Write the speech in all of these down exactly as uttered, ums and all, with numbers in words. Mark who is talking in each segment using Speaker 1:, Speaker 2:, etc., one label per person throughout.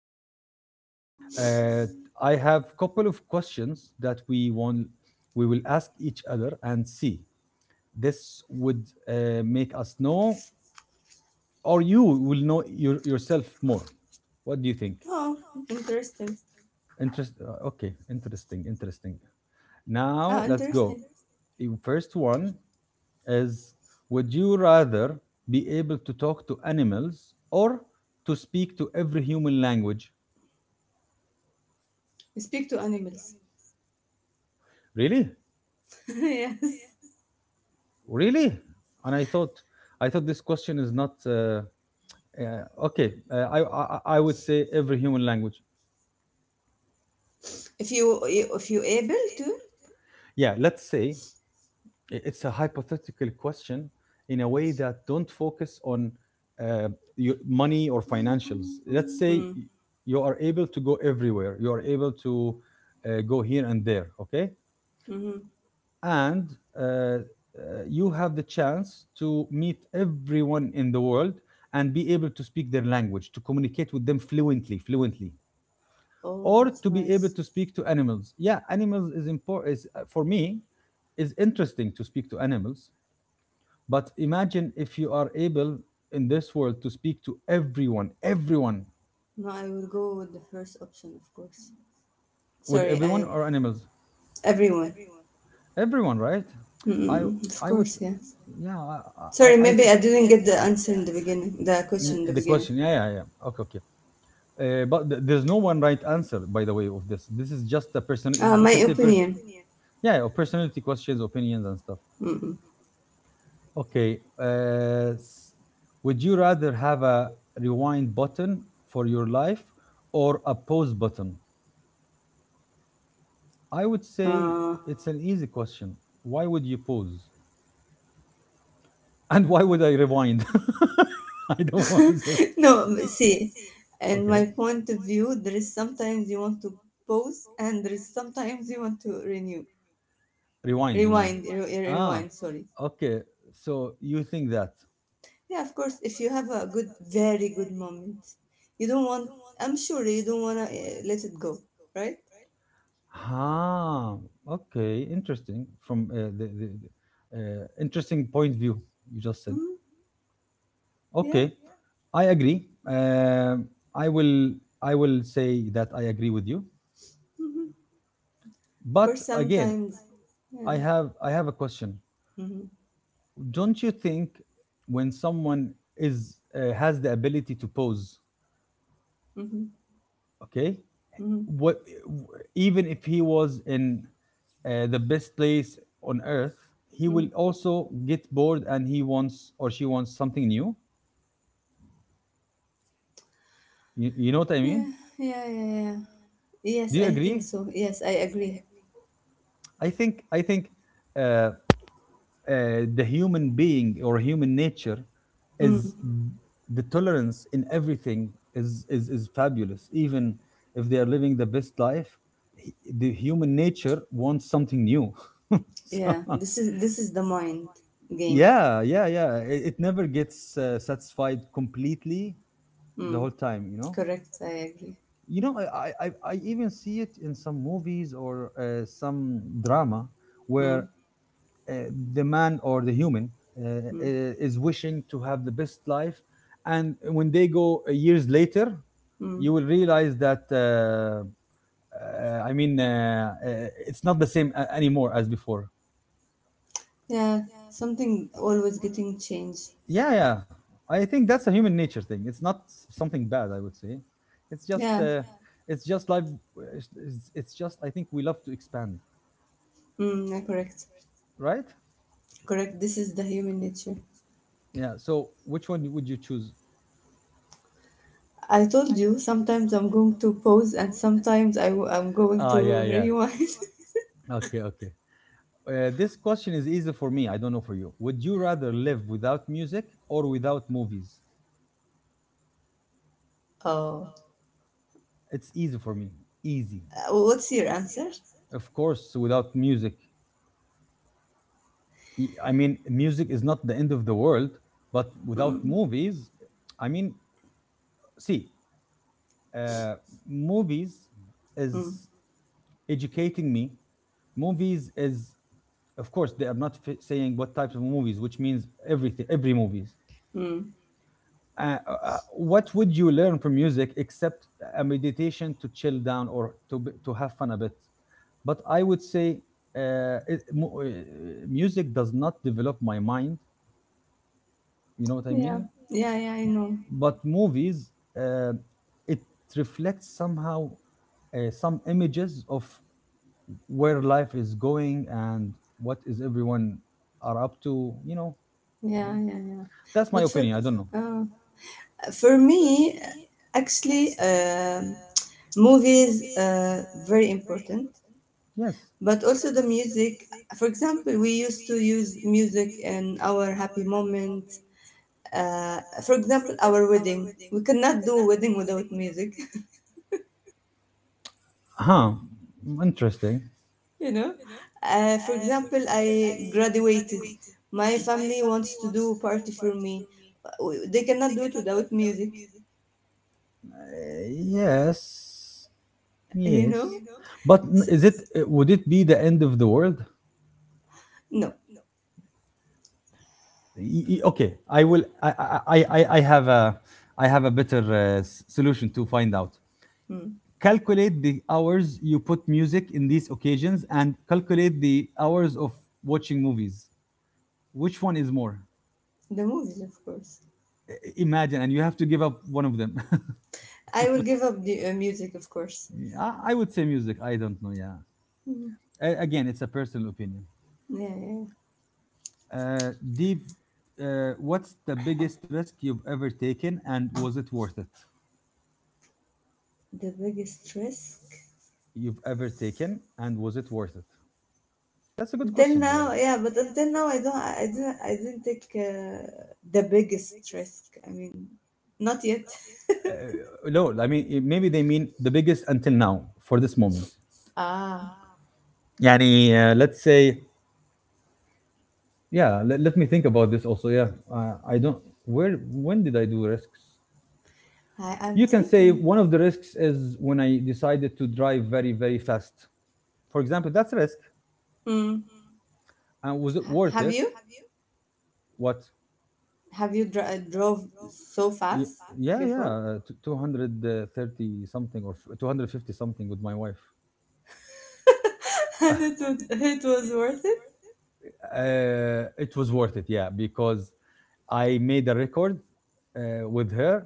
Speaker 1: I'm fine, I'm fine. Uh, I have couple of questions that we want we will ask each other and see. This would uh, make us know, or you will know your, yourself more. What do you think?
Speaker 2: Oh, interesting.
Speaker 1: Interest. Uh, Okay, interesting, interesting.
Speaker 2: Ah,
Speaker 1: Now let's go.
Speaker 2: interesting.
Speaker 1: The first one is: would you rather be able to talk to animals or to speak to every human language?
Speaker 2: You speak to animals.
Speaker 1: Really?
Speaker 2: Yes.
Speaker 1: Really? And I thought, I thought this question is not uh, uh, okay. Uh, I, I I would say every human language.
Speaker 2: If you if you able to.
Speaker 1: Yeah, let's say i- it's a hypothetical question in a way that don't focus on uh, your money or financials. Let's say
Speaker 2: Mm.
Speaker 1: y- you are able to go everywhere. You are able to uh, go here and there. Okay,
Speaker 2: Mm-hmm.
Speaker 1: and uh, uh, you have the chance to meet everyone in the world and be able to speak their language to communicate with them fluently fluently
Speaker 2: Oh,
Speaker 1: or
Speaker 2: that's
Speaker 1: to be able
Speaker 2: nice.
Speaker 1: to speak to animals. Yeah, animals is important, is uh, for me is interesting to speak to animals, but imagine if you are able in this world to speak to everyone everyone
Speaker 2: No, I will go with the first option, of course.
Speaker 1: with
Speaker 2: Sorry,
Speaker 1: everyone
Speaker 2: I
Speaker 1: or animals.
Speaker 2: everyone.
Speaker 1: Everyone, right? I
Speaker 2: Mm-mm, of
Speaker 1: I would,
Speaker 2: course,
Speaker 1: s-
Speaker 2: yeah.
Speaker 1: yeah. yeah. I I,
Speaker 2: Sorry,
Speaker 1: I I
Speaker 2: maybe
Speaker 1: think
Speaker 2: I didn't get the answer in the beginning. The question
Speaker 1: N-
Speaker 2: in the
Speaker 1: the
Speaker 2: beginning.
Speaker 1: question. question yeah yeah yeah, okay okay. uh, but th- there's no one right answer, by the way, of this this is just a person,
Speaker 2: Uh,
Speaker 1: you
Speaker 2: my
Speaker 1: can say person,
Speaker 2: opinion.
Speaker 1: yeah, or personality questions, opinions and stuff.
Speaker 2: Mm-mm.
Speaker 1: Okay. uh, s- would you rather have a rewind button for your life or a pause button? I would say
Speaker 2: Uh,
Speaker 1: it's an easy question. Why would you pause? And why would I rewind? I don't want this.
Speaker 2: No, but see, in
Speaker 1: Okay.
Speaker 2: my point of view, there is sometimes you want to pause, and there is sometimes you want to renew,
Speaker 1: Rewind, you mean? Renew.
Speaker 2: rewind, re-
Speaker 1: Ah,
Speaker 2: rewind. Sorry.
Speaker 1: yeah, okay. So you think that?
Speaker 2: Yeah, of course. If you have a good, very good moment, you don't want. I'm sure you don't wanna uh, let it go, right?
Speaker 1: Ah, okay. Interesting. From uh, the, the the, uh, interesting point of view you just said.
Speaker 2: Hmm. Yeah.
Speaker 1: Okay, I agree. Um I will I will say that I agree with you.
Speaker 2: Hmm. Of
Speaker 1: But
Speaker 2: course,
Speaker 1: again,
Speaker 2: sometimes. Yeah.
Speaker 1: I have I have a question.
Speaker 2: Hmm.
Speaker 1: Don't you think when someone is uh, has the ability to pose,
Speaker 2: Hmm.
Speaker 1: okay,
Speaker 2: Hmm.
Speaker 1: what, even if he was in uh, the best place on earth, he will
Speaker 2: Hmm.
Speaker 1: also get bored and he wants, or she wants, something new? You, you know what I mean?
Speaker 2: Yeah. Yeah. Yeah. Yeah. Yes,
Speaker 1: Do you
Speaker 2: I
Speaker 1: agree?
Speaker 2: think
Speaker 1: I
Speaker 2: so.
Speaker 1: think so.
Speaker 2: Yes, I
Speaker 1: Yes, I
Speaker 2: agree.
Speaker 1: agree. I think I think uh, uh, the human being or human nature
Speaker 2: Mm.
Speaker 1: is the tolerance in everything, is, is is fabulous. Even if they are living the best life, h- the human nature wants something new. So
Speaker 2: Yeah, this is this is the mind game.
Speaker 1: yeah yeah yeah, it, it never gets uh, satisfied completely the
Speaker 2: Mm,
Speaker 1: whole time, you know.
Speaker 2: correct, I agree.
Speaker 1: You know, i i, I I even see it in some movies or uh, some drama where
Speaker 2: Mm,
Speaker 1: uh, the man or the human uh,
Speaker 2: mm,
Speaker 1: uh, is wishing to have the best life, and when they go uh, years later,
Speaker 2: mm.
Speaker 1: you will realize that uh, uh, i mean uh, uh, it's not the same a- anymore as before.
Speaker 2: Yeah, something always getting changed.
Speaker 1: Yeah yeah. I think that's a human nature thing. It's not s- something bad, I would say. It's just
Speaker 2: Yeah,
Speaker 1: uh, it's just like, it's, it's it's just, I think we love to expand,
Speaker 2: mm, yeah, correct,
Speaker 1: right?
Speaker 2: correct. This is the human nature.
Speaker 1: Yeah, so which one would you choose?
Speaker 2: I told you sometimes I'm going to pause and sometimes I w- I'm going
Speaker 1: Ah,
Speaker 2: to
Speaker 1: yeah, yeah.
Speaker 2: rewind.
Speaker 1: Okay, okay. Uh, this question is easy for me. I don't know for you. Would you rather live without music or without movies?
Speaker 2: Oh,
Speaker 1: It's easy for me. Easy.
Speaker 2: Uh, what's your answer?
Speaker 1: Of course, without music. E- I mean, music is not the end of the world, but without
Speaker 2: Mm,
Speaker 1: movies, I mean, see, uh, movies
Speaker 2: mm,
Speaker 1: is educating me. Movies is, of course, they are not f- saying what types of movies, which means everything, every movies.
Speaker 2: mm.
Speaker 1: Uh, uh, what would you learn from music except a meditation to chill down or to be, to have fun a bit? But I would say uh, it, uh, music does not develop my mind. You know what I mean?
Speaker 2: Yeah, yeah, yeah.
Speaker 1: Yeah,
Speaker 2: I know.
Speaker 1: but movies, uh, it reflects somehow uh, some images of where life is going and what is everyone are up to, you know.
Speaker 2: Yeah, yeah, yeah.
Speaker 1: That's my
Speaker 2: But for
Speaker 1: opinion. I don't know.
Speaker 2: uh, For me, actually, um movies uh, very important,
Speaker 1: Yes.
Speaker 2: but also the music. For example, we used to use music in our happy moments. Uh, for example, our wedding. We cannot do wedding without music,
Speaker 1: Huh. Interesting. Uh,
Speaker 2: you know. Uh, for example, I graduated. My family wants to do party for me. Uh, They cannot do it without music,
Speaker 1: yes.
Speaker 2: you
Speaker 1: Yes.
Speaker 2: know.
Speaker 1: But n-
Speaker 2: So,
Speaker 1: is it, uh, would it be the end of the world?
Speaker 2: no,
Speaker 1: Y- y- Okay, I will I I I, I have a I have a better uh, s- solution to find out.
Speaker 2: mm,
Speaker 1: Calculate the hours you put music in these occasions and calculate the hours of watching movies. Which one is more?
Speaker 2: the movies, of course.
Speaker 1: i- Imagine, and you have to give up one of them.
Speaker 2: I will give up the uh, music, of course.
Speaker 1: Yeah, course. I, I would say music. I don't know. Yeah.
Speaker 2: Mhm.
Speaker 1: A- again, it's a personal opinion.
Speaker 2: Yeah, yeah.
Speaker 1: Uh, deep. Uh, what's the biggest risk you've ever taken, and was it worth it?
Speaker 2: The biggest risk
Speaker 1: You've ever taken, and was it worth it? That's a good
Speaker 2: until
Speaker 1: question, by the
Speaker 2: now,
Speaker 1: way.
Speaker 2: yeah, but until now, I don't, I didn't, I didn't take uh, the biggest risk. I mean, not yet.
Speaker 1: I didn't, I didn't take. Uh, Uh, no, I mean, i- maybe they mean the biggest until now for this moment.
Speaker 2: Ah,
Speaker 1: Yani, uh, let's say, yeah. Let, let me think about this also. Yeah, uh, I don't. Where? When did I do risks?
Speaker 2: I, I'm
Speaker 1: You can say
Speaker 2: thinking.
Speaker 1: one of the risks is when I decided to drive very, very fast. For example, that's a risk.
Speaker 2: Hmm.
Speaker 1: And was it
Speaker 2: Ha-
Speaker 1: worth
Speaker 2: have
Speaker 1: it?
Speaker 2: you?
Speaker 1: What? So
Speaker 2: Have you dr- drove so
Speaker 1: Ye-
Speaker 2: fast
Speaker 1: yeah, yeah,
Speaker 2: before?
Speaker 1: uh, t- two hundred thirty something or two hundred fifty something with my wife.
Speaker 2: And it was, it was worth it.
Speaker 1: Uh, it was worth it, yeah, because I made a record uh, with her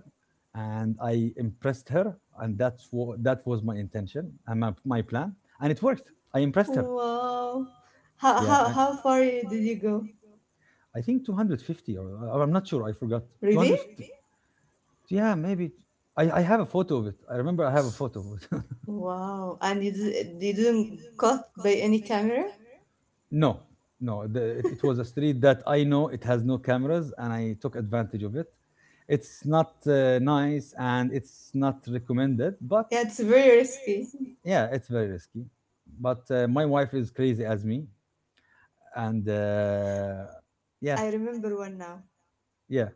Speaker 1: and I impressed her. And that's what that was my intention and my, my plan. And it worked. I impressed her.
Speaker 2: Wow. How,
Speaker 1: Yeah, I,
Speaker 2: how, how far
Speaker 1: How,
Speaker 2: you- did you go?
Speaker 1: I think two fifty, or uh, or I'm not sure. I forgot.
Speaker 2: Really?
Speaker 1: two fifty. Yeah, maybe. I, I have a photo of it. I remember I have a photo of it.
Speaker 2: Wow, and you, did, you didn't caught by any camera?
Speaker 1: No, no. The, it, it was a street that I know it has no cameras, and I took advantage of it. It's not uh, nice and it's not recommended, but
Speaker 2: Yeah, it's very risky.
Speaker 1: yeah, it's very risky. But uh, my wife is crazy as me. And uh, yeah,
Speaker 2: I remember one now.
Speaker 1: yeah,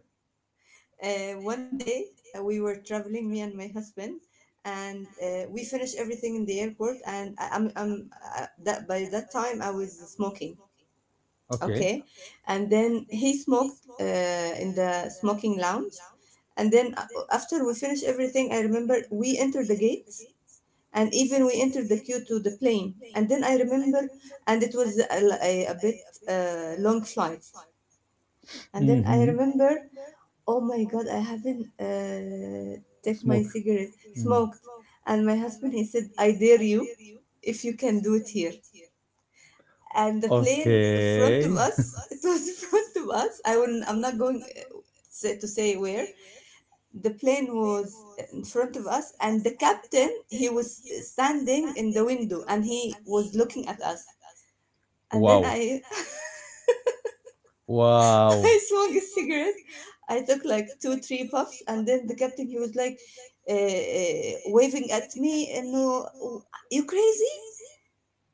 Speaker 2: Uh, one day uh, we were traveling, me and my husband, and uh, we finished everything in the airport. And I, I'm, I'm uh, that by that time I was smoking,
Speaker 1: okay. Okay.
Speaker 2: okay, and then he smoked uh, in the smoking lounge. And then uh, after we finished everything, I remember we entered the gate and even we entered the queue to the plane, and then I remember. And it was a, a, a bit uh, long flight. And then I
Speaker 1: Mm-hmm.
Speaker 2: remember, oh my god, I haven't uh, take my
Speaker 1: Smoke.
Speaker 2: cigarette smoked. And my husband, he said, "I dare you if you can do it here." And the plane in front of us, it was in front of us. I wouldn't, I'm not going uh, say- to say where the plane was. In front of us, and the captain, he was standing in the window and he was looking at us. And then
Speaker 1: Wow.
Speaker 2: I I
Speaker 1: Wow.
Speaker 2: smoked a cigarette. I took like two three puffs, and then the captain, he was like uh, waving at me and no, you crazy,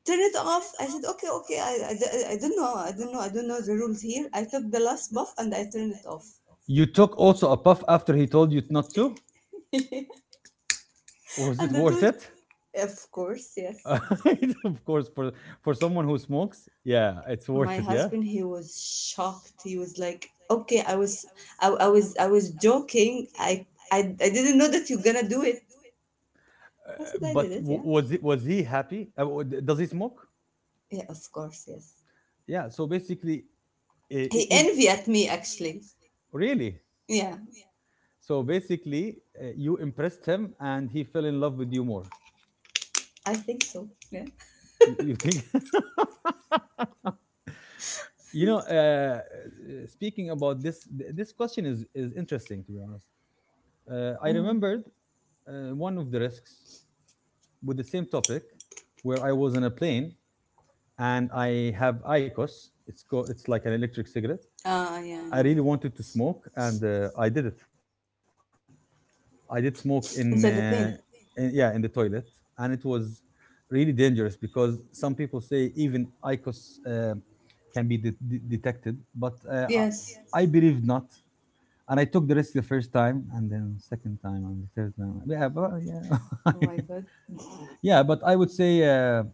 Speaker 2: turn it off. I said, okay, okay, I, I, d- I don't know i don't know I don't know the rules here. I took the last puff and I turned it off.
Speaker 1: You took also a puff after he told you not to? Was it
Speaker 2: And the
Speaker 1: worth,
Speaker 2: two of course, yes.
Speaker 1: course. Of course, for for someone who smokes, yeah, it's worth
Speaker 2: My
Speaker 1: it.
Speaker 2: husband, he was shocked, he was like, okay, i was i, I was I was joking. I, I I didn't know that you're gonna do it.
Speaker 1: Uh,
Speaker 2: I said, I did
Speaker 1: but
Speaker 2: it.
Speaker 1: w-
Speaker 2: Yeah.
Speaker 1: was it, was he happy? Uh, w- d- does he smoke?
Speaker 2: Yeah, of course, yes.
Speaker 1: Yeah. So basically, uh, i-
Speaker 2: He envy at me,
Speaker 1: if
Speaker 2: actually.
Speaker 1: really,
Speaker 2: Yeah,
Speaker 1: so basically, uh, you impressed him, and he fell in love with you more.
Speaker 2: I think so. Yeah.
Speaker 1: You, you think? You know, uh, uh, speaking about this, th- this question is is interesting, to be honest. Uh, I
Speaker 2: Uh,
Speaker 1: remembered uh, one of the risks with the same topic, where I was on a plane and I have ICOS. It's called, it's like an electric cigarette.
Speaker 2: uh, yeah, I
Speaker 1: I
Speaker 2: know
Speaker 1: really
Speaker 2: it.
Speaker 1: wanted to smoke, and uh, I did it. I did
Speaker 2: Inside the
Speaker 1: smoke
Speaker 2: plane.
Speaker 1: in, uh, in yeah, in the toilet, and it was really dangerous because some people say even IQOS uh, can be de- de- detected, but uh,
Speaker 2: Yes.
Speaker 1: I, I believe not. And I took the risk the first time, and then second time, and the third time. Yeah, but yeah,
Speaker 2: Oh my god.
Speaker 1: yeah. But I would say, Uh,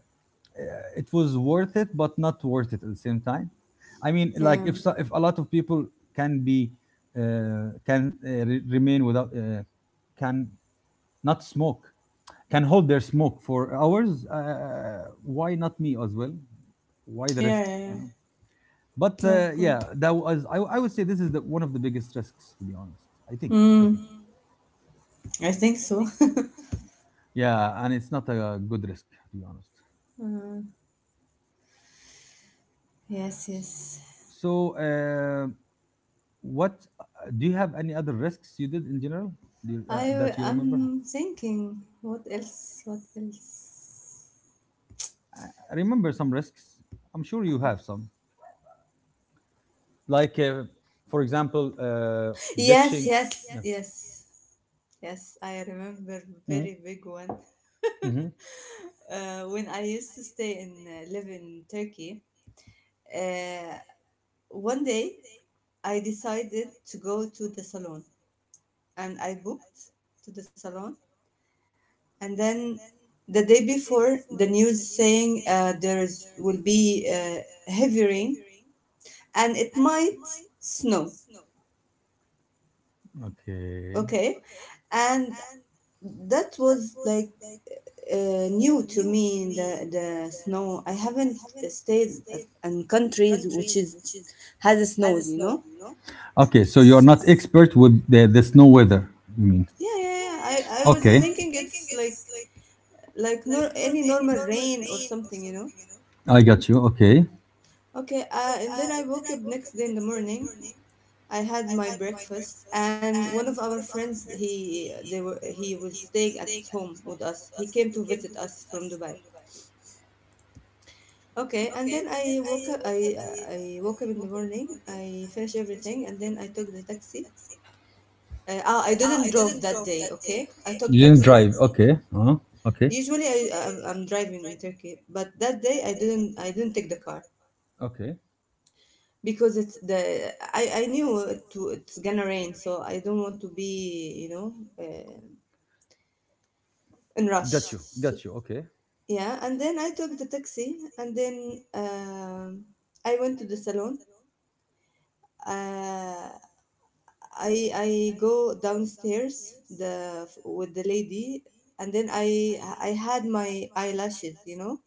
Speaker 1: uh, it was worth it but not worth it at the same time. I mean, like,
Speaker 2: Yeah,
Speaker 1: if so, if a lot of people can be uh, can uh, re- remain without uh, can not smoke, can hold their smoke for hours, uh, why not me as well? Why the
Speaker 2: yeah,
Speaker 1: risk,
Speaker 2: yeah. Yeah,
Speaker 1: you know? But
Speaker 2: yeah
Speaker 1: uh,
Speaker 2: of course.
Speaker 1: yeah, that was, I, I would say this is the one of the biggest risks, to be honest. i think I
Speaker 2: Mm,
Speaker 1: think.
Speaker 2: I think so.
Speaker 1: Yeah, and it's not a good risk, to be honest.
Speaker 2: Uh, yes,
Speaker 1: Yes,
Speaker 2: yes.
Speaker 1: so, um, what uh, do you have any other risks you did in general, do you, uh,
Speaker 2: I
Speaker 1: that you, oh, remember?
Speaker 2: I'm
Speaker 1: Thank you.
Speaker 2: thinking, what else, what else.
Speaker 1: I remember some risks. I'm sure you have some. Like, uh, for example, uh,
Speaker 2: Yes,
Speaker 1: ditching. Yes,
Speaker 2: yes,
Speaker 1: yeah, yes, yes,
Speaker 2: yes,
Speaker 1: yes.
Speaker 2: yes. I
Speaker 1: I
Speaker 2: remember
Speaker 1: remember,
Speaker 2: very big
Speaker 1: mhm,
Speaker 2: one.
Speaker 1: very, very well. Mhm.
Speaker 2: Uh, when I used to stay in uh, live in Turkey, uh, one day I decided to go to the salon, and I booked to the salon. And then the day before, the news saying uh, there's will be uh, heavy rain and it might snow.
Speaker 1: Okay.
Speaker 2: Okay. And that was like uh, new to me. In the the snow, I haven't stayed at, in countries which is has a snow, you know.
Speaker 1: Okay. So
Speaker 2: S-
Speaker 1: you're not, yes, expert with the, the snow weather. You mean?
Speaker 2: yeah, yeah, yeah.
Speaker 1: Yeah, yeah,
Speaker 2: i i
Speaker 1: yeah. I, I
Speaker 2: was
Speaker 1: Okay.
Speaker 2: thinking
Speaker 1: Was
Speaker 2: it's
Speaker 1: thinking
Speaker 2: like
Speaker 1: it's
Speaker 2: like nor any normal rain or something, you know.
Speaker 1: like, I got you. Okay.
Speaker 2: Okay. Uh, and then I woke up next day in the morning. I had my breakfast, and one of our friends, he they were he was staying at home with us. He came to visit us from Dubai. Okay, and then I woke up. I I woke up in the morning. I finished everything, and then I took the taxi. Uh, ah, I didn't
Speaker 1: I, I
Speaker 2: drove
Speaker 1: didn't
Speaker 2: that
Speaker 1: drove
Speaker 2: day.
Speaker 1: that day,
Speaker 2: Okay, I
Speaker 1: okay?
Speaker 2: took
Speaker 1: You didn't
Speaker 2: taxi.
Speaker 1: drive. Automatically. Okay. Uh, okay.
Speaker 2: Usually, I I'm, I'm driving in Turkey, but that day I didn't. I didn't take the car
Speaker 1: Okay.
Speaker 2: because it's the. I I knew it to, it's gonna rain, so I don't want to be, you know, uh, in
Speaker 1: Got
Speaker 2: rush.
Speaker 1: you.
Speaker 2: So,
Speaker 1: Got you. Okay.
Speaker 2: yeah. And then I took the taxi, and then um, I went to the salon. Uh, I I go downstairs the with the lady, and then I I had my eyelashes, you know.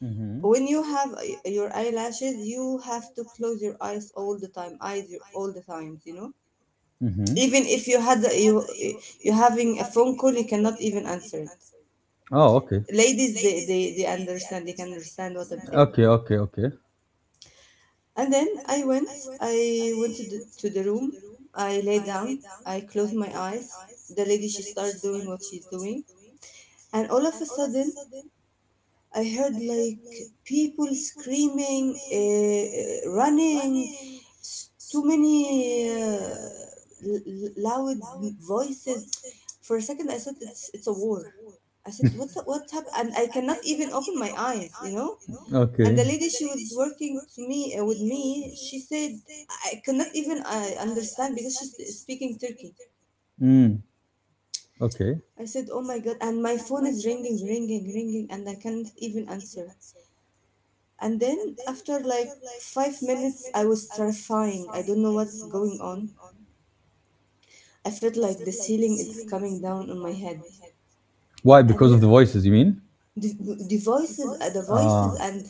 Speaker 1: Mm-hmm.
Speaker 2: When you have uh, your eyelashes, you have to close your eyes all the time, eyes your- all the times, you know.
Speaker 1: Mm-hmm.
Speaker 2: Even if you had you you having a phone call, you cannot even answer it.
Speaker 1: Oh, okay.
Speaker 2: Ladies, they they, they understand, they can understand what I'm saying.
Speaker 1: Okay. Okay. Okay.
Speaker 2: And then I went, I went to the to the room. I lay down. I closed my eyes. The lady, she started doing what she's doing, and all of a sudden, I heard like people screaming, uh, running, s- too many uh, l- l- loud voices. For a second, I thought it's it's a war. I said, what the- what happened, and I
Speaker 1: Look.
Speaker 2: cannot even open my eyes, you know. And
Speaker 1: Okay.
Speaker 2: the lady, she was working to me uh, with me. She said, I could not even uh, understand because she's speaking turkey.
Speaker 1: Mm. Okay.
Speaker 2: I said, oh my god, and my phone is ringing, ringing, ringing, and I cannot even answer. And then after like five minutes, I was terrifying. I don't know what's going on. I felt like the ceiling is coming down on my head.
Speaker 1: Why?
Speaker 2: And
Speaker 1: Because of the
Speaker 2: then
Speaker 1: voices, you mean?
Speaker 2: the, the voices, uh, the
Speaker 1: Ah.
Speaker 2: voices,
Speaker 1: And
Speaker 2: and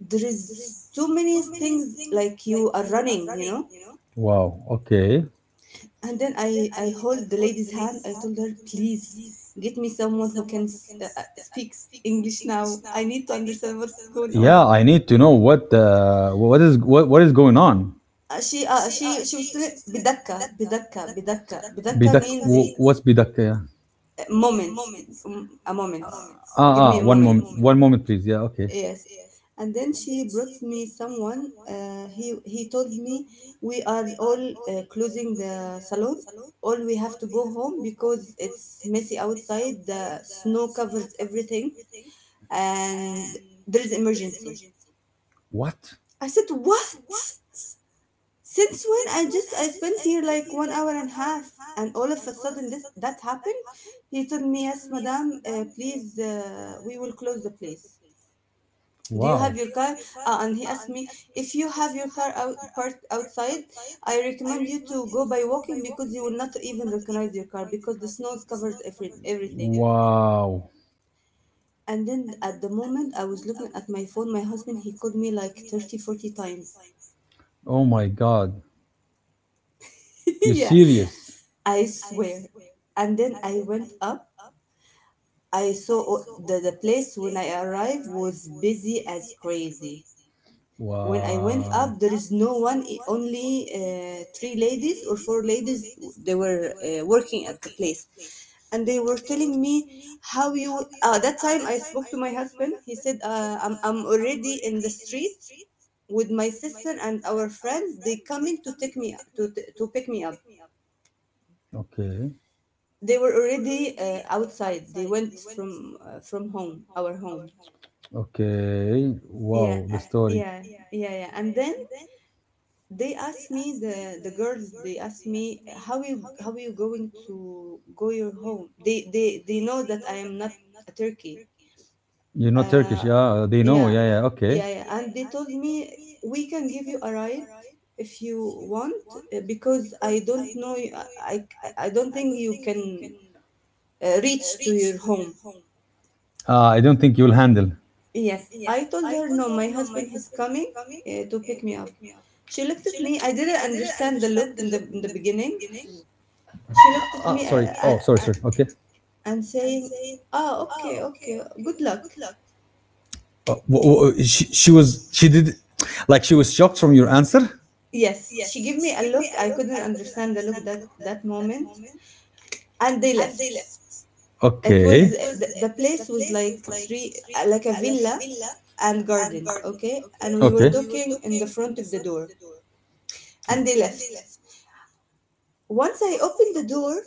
Speaker 2: there is too many things like you are running, you know.
Speaker 1: wow. Okay.
Speaker 2: And then I, I hold the lady's hand. I told her, please get me someone who can s- uh, uh, speaks English now. I need to understand what's going
Speaker 1: Yeah,
Speaker 2: on.
Speaker 1: I need to know what uh, what is, what, what is going on. Uh,
Speaker 2: Uh, she uh, she she was telling بدكة
Speaker 1: bidakka.
Speaker 2: بدكة
Speaker 1: Bidakka.
Speaker 2: بدكة
Speaker 1: Bidakka. Bidak.
Speaker 2: بدكة,
Speaker 1: Bidakka.
Speaker 2: means
Speaker 1: wh- What's bidak? Yeah.
Speaker 2: moment, mm, a moment, give
Speaker 1: Ah,
Speaker 2: me
Speaker 1: ah,
Speaker 2: a
Speaker 1: one
Speaker 2: moment.
Speaker 1: moment, one moment, please. Yeah, okay.
Speaker 2: Yes. And then she brought me someone. Uh, he he told me, we are all uh, closing the salon, all we have to go home because it's messy outside, the snow covers everything, and there is emergency.
Speaker 1: What?
Speaker 2: I said, what? Since when? I just I spent here like one hour and a half, and all of a sudden this that happened. He told me, "Yes, madam, uh, please, uh, we will close the place. Do you
Speaker 1: Wow.
Speaker 2: have your car?" Uh, and he asked me if you have your car out parked outside. I recommend you to go by walking because you will not even recognize your car because the snow's covered every everything.
Speaker 1: Wow.
Speaker 2: And then at the moment, I was looking at my phone. My husband, he called me like thirty forty times.
Speaker 1: Oh my God. You
Speaker 2: Yeah,
Speaker 1: serious?
Speaker 2: I swear. And then I went up, I saw, oh, the, the place when I arrived was busy as crazy. When I went
Speaker 1: Wow.
Speaker 2: up, there is no one, i- only uh, three ladies or four ladies. They were uh, working at the place, and they were telling me, how you. Uh, that time I spoke to my husband. He said, uh, "I'm I'm already in the street with my sister and our friend. They coming to take me to to pick me up.
Speaker 1: Okay.
Speaker 2: They were already uh, outside. They went from uh, from home, our home."
Speaker 1: Okay.
Speaker 2: Yeah.
Speaker 1: Wow. The
Speaker 2: Uh,
Speaker 1: story.
Speaker 2: yeah, yeah, yeah. And then they asked me, the the girls, they asked me, how you, how you going to go your home. They they they know that I am not a turkey.
Speaker 1: You know Turkish?
Speaker 2: Uh,
Speaker 1: Yeah, they know.
Speaker 2: yeah.
Speaker 1: Yeah, yeah. Okay.
Speaker 2: Yeah, yeah, and they told me, we can give you a ride if you want, uh, because I don't know you- i i, I don't think you can uh, reach to your home.
Speaker 1: Uh, I don't think you'll handle.
Speaker 2: Yes, I told her, no, my husband is coming uh, to pick me up. She looked at me. I didn't understand the look in the in the beginning. She looked at
Speaker 1: Ah,
Speaker 2: me
Speaker 1: sorry.
Speaker 2: uh, uh,
Speaker 1: Oh, sorry, sorry. Okay.
Speaker 2: and saying, "Ah, okay, okay. Good luck."
Speaker 1: Uh, w- w- she, she was, she did like she was shocked from your answer.
Speaker 2: Yes, she gave me a look. I couldn't understand the look that that moment, and they left. It was
Speaker 1: Okay.
Speaker 2: the, the place was like three uh, like a villa and garden, okay? And we were
Speaker 1: Okay.
Speaker 2: talking in the front of the door,
Speaker 1: The door.
Speaker 2: and they left. Once I opened the door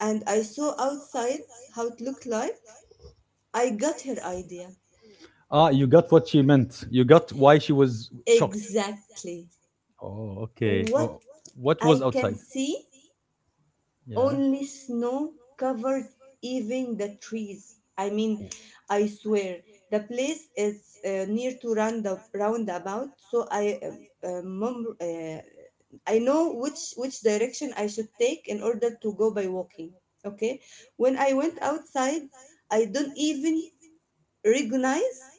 Speaker 2: and I saw outside how it looked like, I got her idea.
Speaker 1: Ah, you got what she meant, you got why she was shocked.
Speaker 2: Exactly.
Speaker 1: Oh, okay.
Speaker 2: What
Speaker 1: Oh. What what was
Speaker 2: I can
Speaker 1: outside?
Speaker 2: see,
Speaker 1: Yeah.
Speaker 2: only snow covers even the trees. I mean,
Speaker 1: W-
Speaker 2: I swear the place is uh, near to round roundabout, so I um, uh, mum- uh, I know which which direction I should take in order to go by walking. Okay, when I went outside, I don't even recognize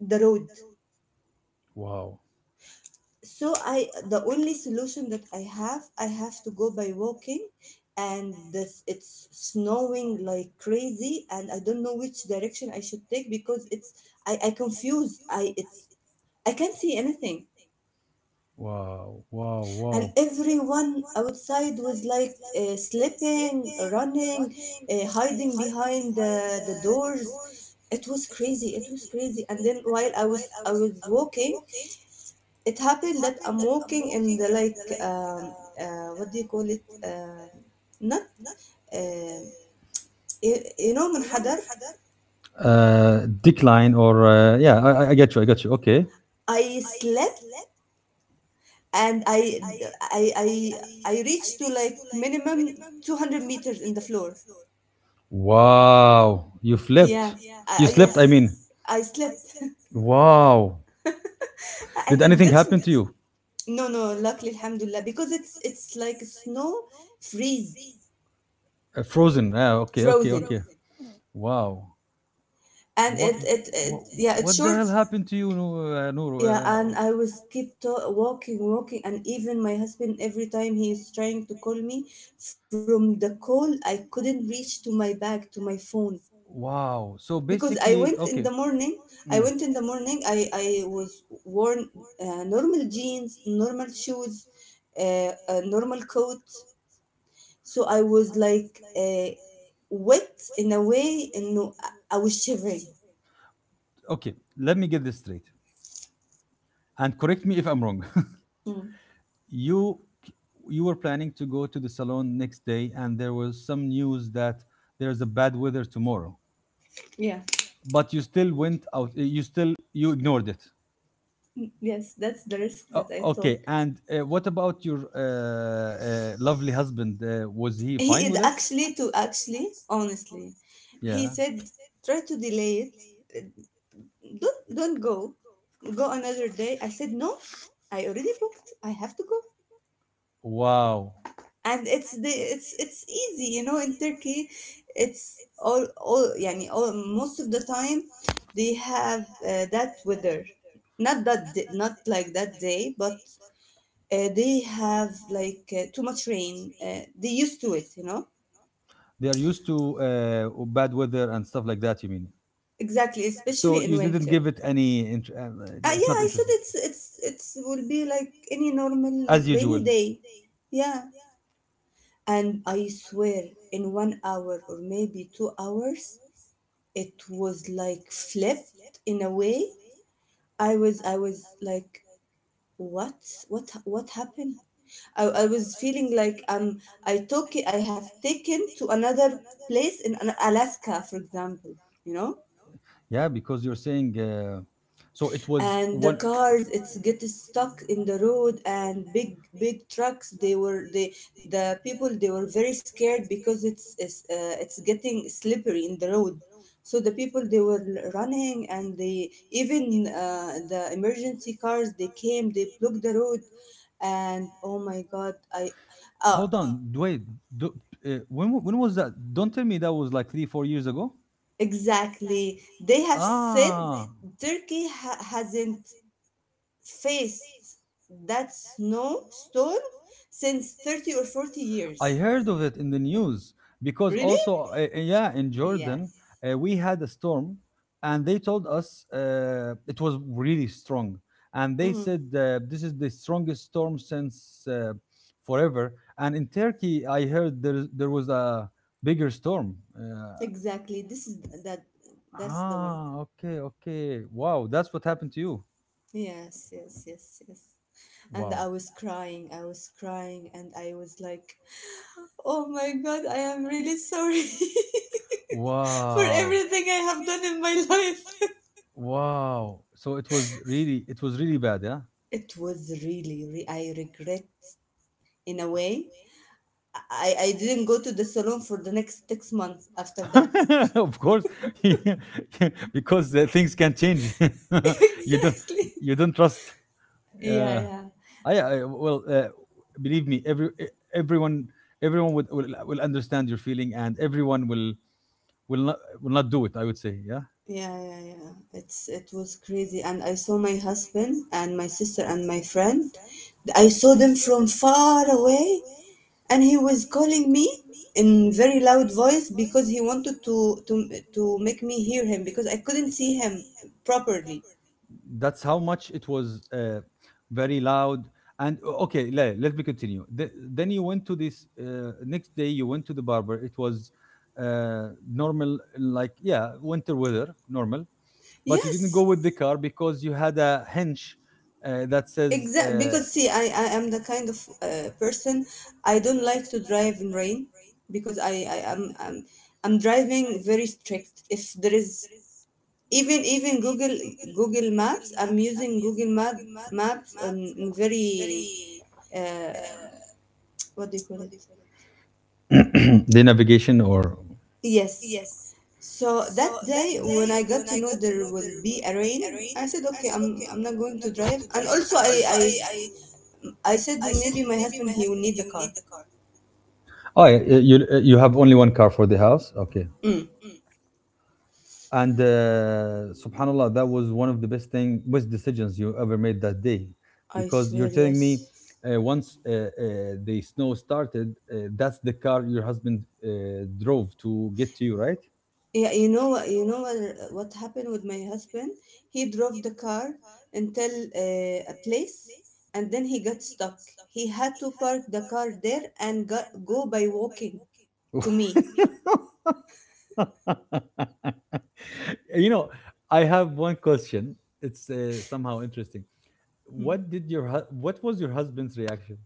Speaker 2: the road.
Speaker 1: wow,
Speaker 2: So I the only solution that i have i have to go by walking, and this it's snowing like crazy, and I don't know which direction I should take because it's I I confused, I it's I can't see anything.
Speaker 1: wow, wow,
Speaker 2: And
Speaker 1: wow.
Speaker 2: everyone outside was like uh, slipping, running, uh, hiding behind the, the doors. It was crazy, it was crazy. And then while i was i was walking, it happened that I'm walking in the like um, uh, what do you call it? Um, not um, you you know منحدر.
Speaker 1: Uh decline, or uh, yeah, I, I- I get you, I got you. Okay.
Speaker 2: I slept and I I I I reached to like minimum two hundred meters in the floor.
Speaker 1: Wow, you flipped.
Speaker 2: Yeah. I,
Speaker 1: You
Speaker 2: I-
Speaker 1: slipped, I
Speaker 2: yes.
Speaker 1: mean.
Speaker 2: I slept
Speaker 1: Wow.
Speaker 2: and
Speaker 1: Did
Speaker 2: it
Speaker 1: anything
Speaker 2: gets
Speaker 1: happen
Speaker 2: me.
Speaker 1: to, yes, you?
Speaker 2: No, no, luckily alhamdulillah, because it's it's like snow, freeze,
Speaker 1: Uh, frozen. Ah, okay, okay,
Speaker 2: frozen,
Speaker 1: okay. Frozen. Wow.
Speaker 2: and
Speaker 1: What?
Speaker 2: it
Speaker 1: And
Speaker 2: it,
Speaker 1: it, it, what,
Speaker 2: it
Speaker 1: it,
Speaker 2: yeah, it's
Speaker 1: what the, yeah,
Speaker 2: short.
Speaker 1: hell she happened to you, Noor? Uh, Noor?
Speaker 2: Yeah,
Speaker 1: Uh, n- oh,
Speaker 2: and I
Speaker 1: and
Speaker 2: was
Speaker 1: I was
Speaker 2: keep
Speaker 1: keep to-
Speaker 2: to-
Speaker 1: walking,
Speaker 2: walking, walking, and
Speaker 1: walking, and
Speaker 2: even my
Speaker 1: even my
Speaker 2: husband, every
Speaker 1: husband,
Speaker 2: time
Speaker 1: every
Speaker 2: he
Speaker 1: time
Speaker 2: is
Speaker 1: he's
Speaker 2: trying to
Speaker 1: trying
Speaker 2: call
Speaker 1: to
Speaker 2: me
Speaker 1: call me,
Speaker 2: from
Speaker 1: s-
Speaker 2: the
Speaker 1: from
Speaker 2: call,
Speaker 1: the
Speaker 2: I
Speaker 1: call,
Speaker 2: couldn't
Speaker 1: I
Speaker 2: reach to
Speaker 1: couldn't
Speaker 2: my
Speaker 1: reach to
Speaker 2: bag, to
Speaker 1: my
Speaker 2: my
Speaker 1: bag, to
Speaker 2: phone.
Speaker 1: my phone. Wow. So because
Speaker 2: Because I
Speaker 1: basically, I,
Speaker 2: went
Speaker 1: okay,
Speaker 2: in the
Speaker 1: went in the
Speaker 2: morning, I
Speaker 1: morning. Mm,
Speaker 2: went in the morning, I, I was worn uh, normal jeans, normal shoes, uh, a normal coat. So I was like uh, wet in a way, and no, I I was shivering.
Speaker 1: okay. Let me get this straight, and correct me if I'm wrong.
Speaker 2: Mm.
Speaker 1: you you were planning to go to the salon next day, and there was some news that there's a bad weather tomorrow,
Speaker 2: Yeah.
Speaker 1: but you still went out, uh, you still, you ignored it.
Speaker 2: Mm, yes, that's the risk
Speaker 1: O-
Speaker 2: that I
Speaker 1: okay,
Speaker 2: took.
Speaker 1: and uh, what about your uh, uh, lovely husband, uh, was he
Speaker 2: He
Speaker 1: fine
Speaker 2: is
Speaker 1: with it?
Speaker 2: actually to actually, honestly, he
Speaker 1: Yeah.
Speaker 2: said try to delay it. Don't don't go. Go another day. I said no. I already booked. I have to go.
Speaker 1: Wow.
Speaker 2: And it's the it's it's easy, you know. In Turkey, it's all all يعني all most of the time they have uh, that weather. Not that day, not like that day, but uh, they have like uh, too much rain. Uh, they used to it, you know.
Speaker 1: They are used to uh, bad weather and stuff like that, you mean?
Speaker 2: Exactly,
Speaker 1: So
Speaker 2: especially in
Speaker 1: you didn't
Speaker 2: winter.
Speaker 1: give it any. Int- um,
Speaker 2: Uh,
Speaker 1: uh, it's
Speaker 2: yeah,
Speaker 1: not
Speaker 2: I said
Speaker 1: interesting,
Speaker 2: it's it's it's will be like any normal
Speaker 1: like, as usual.
Speaker 2: rainy day. Yeah. And I swear in one hour or maybe two hours it was like flipped in a way. I was I was like what what what happened? I, I was feeling like um I took I have taken to another place in Alaska, for example, you know?
Speaker 1: Yeah, because you're saying. Uh, so it was
Speaker 2: And the
Speaker 1: one.
Speaker 2: cars it's get stuck in the road, and big big trucks, they were they the people they were very scared because it's it's, uh, it's getting slippery in the road. So the people they were l- running, and they even uh, the emergency cars they came, they blocked the road. And oh my god, I oh.
Speaker 1: Hold on, up, wait. Do, uh, when w- when was that? Don't tell me that was like three four years ago.
Speaker 2: Exactly, they have said
Speaker 1: Ah,
Speaker 2: Turkey ha- hasn't faced that snowstorm since thirty or forty
Speaker 1: I
Speaker 2: years.
Speaker 1: heard of it in the news, because
Speaker 2: Really?
Speaker 1: also, uh, uh, yeah, in Jordan,
Speaker 2: Yes.
Speaker 1: uh, we had a storm, and they told us, uh, it was really strong. And they
Speaker 2: Mm-hmm.
Speaker 1: said, uh, this is the strongest storm since, uh, forever. And in Turkey, I heard there, there was a bigger storm. Uh,
Speaker 2: Exactly. This is that. That's the one.
Speaker 1: ah, okay, okay. Wow, that's what happened to you.
Speaker 2: Yes, yes, yes, yes. And
Speaker 1: Wow.
Speaker 2: I was crying. I was crying, and I was like, "Oh my God, I am really sorry for
Speaker 1: Wow.
Speaker 2: everything I have done in my
Speaker 1: In my
Speaker 2: life."
Speaker 1: life. Wow. So it was really, it was really bad, yeah?
Speaker 2: It was really. Re- I regret in a way. I I didn't go to the salon for the next six months after that.
Speaker 1: Of course. Yeah. Because the things can change. You don't,
Speaker 2: Exactly.
Speaker 1: yes, you don't trust.
Speaker 2: Yeah,
Speaker 1: uh,
Speaker 2: yeah,
Speaker 1: I, I well, uh, believe me, every e- everyone everyone would, will will understand your feeling, and everyone will will not will not do it. I would say, yeah.
Speaker 2: yeah, yeah, yeah, it's it was crazy. And I saw my husband and my sister and my friend. I saw them from far away, and he was calling me in very loud voice because he wanted to to to make me hear him, because I couldn't see him properly.
Speaker 1: That's how much it was, uh, very loud. And o- okay, let, let me continue. Th- then you went to this, uh, next day you went to the barber, it was, uh, normal, like, yeah, winter weather normal, but you didn't go
Speaker 2: Yes.
Speaker 1: with the, yes, car because you had a hench, uh, that says, uh, yeah,
Speaker 2: Exact, because see,
Speaker 1: because
Speaker 2: I,
Speaker 1: see,
Speaker 2: I am the kind of
Speaker 1: I,
Speaker 2: uh, person. I don't like to drive in rain because, I, I am I'm, I'm I'm driving very strict. If there is even even Google Google Maps, I'm using Google Map Maps on in very uh, what do you call it?
Speaker 1: I am the kind of the navigation, or
Speaker 2: Yes. So that day when I got to know there will be a rain, I said okay, I'm I'm not going to drive. And also I I I said maybe my husband he will need the car.
Speaker 1: oh yeah, uh, you uh, you have only one car for the house, okay.
Speaker 2: Mm.
Speaker 1: And uh, subhanallah, that was one of the best thing, best decisions you ever made that day,
Speaker 2: I
Speaker 1: because you're
Speaker 2: swear,
Speaker 1: telling me,
Speaker 2: yes.
Speaker 1: uh, once, uh, uh, the snow started, uh, that's the car your husband uh, drove to get to you, right?
Speaker 2: Yeah, you know what you know what what happened with my husband? He drove the car until uh, a place, and then he got stuck. He had to park the car there and go, go by walking to me.
Speaker 1: You know, I have one question. It's, uh, somehow interesting.
Speaker 2: Mm.
Speaker 1: What did your hu- what was your husband's reaction?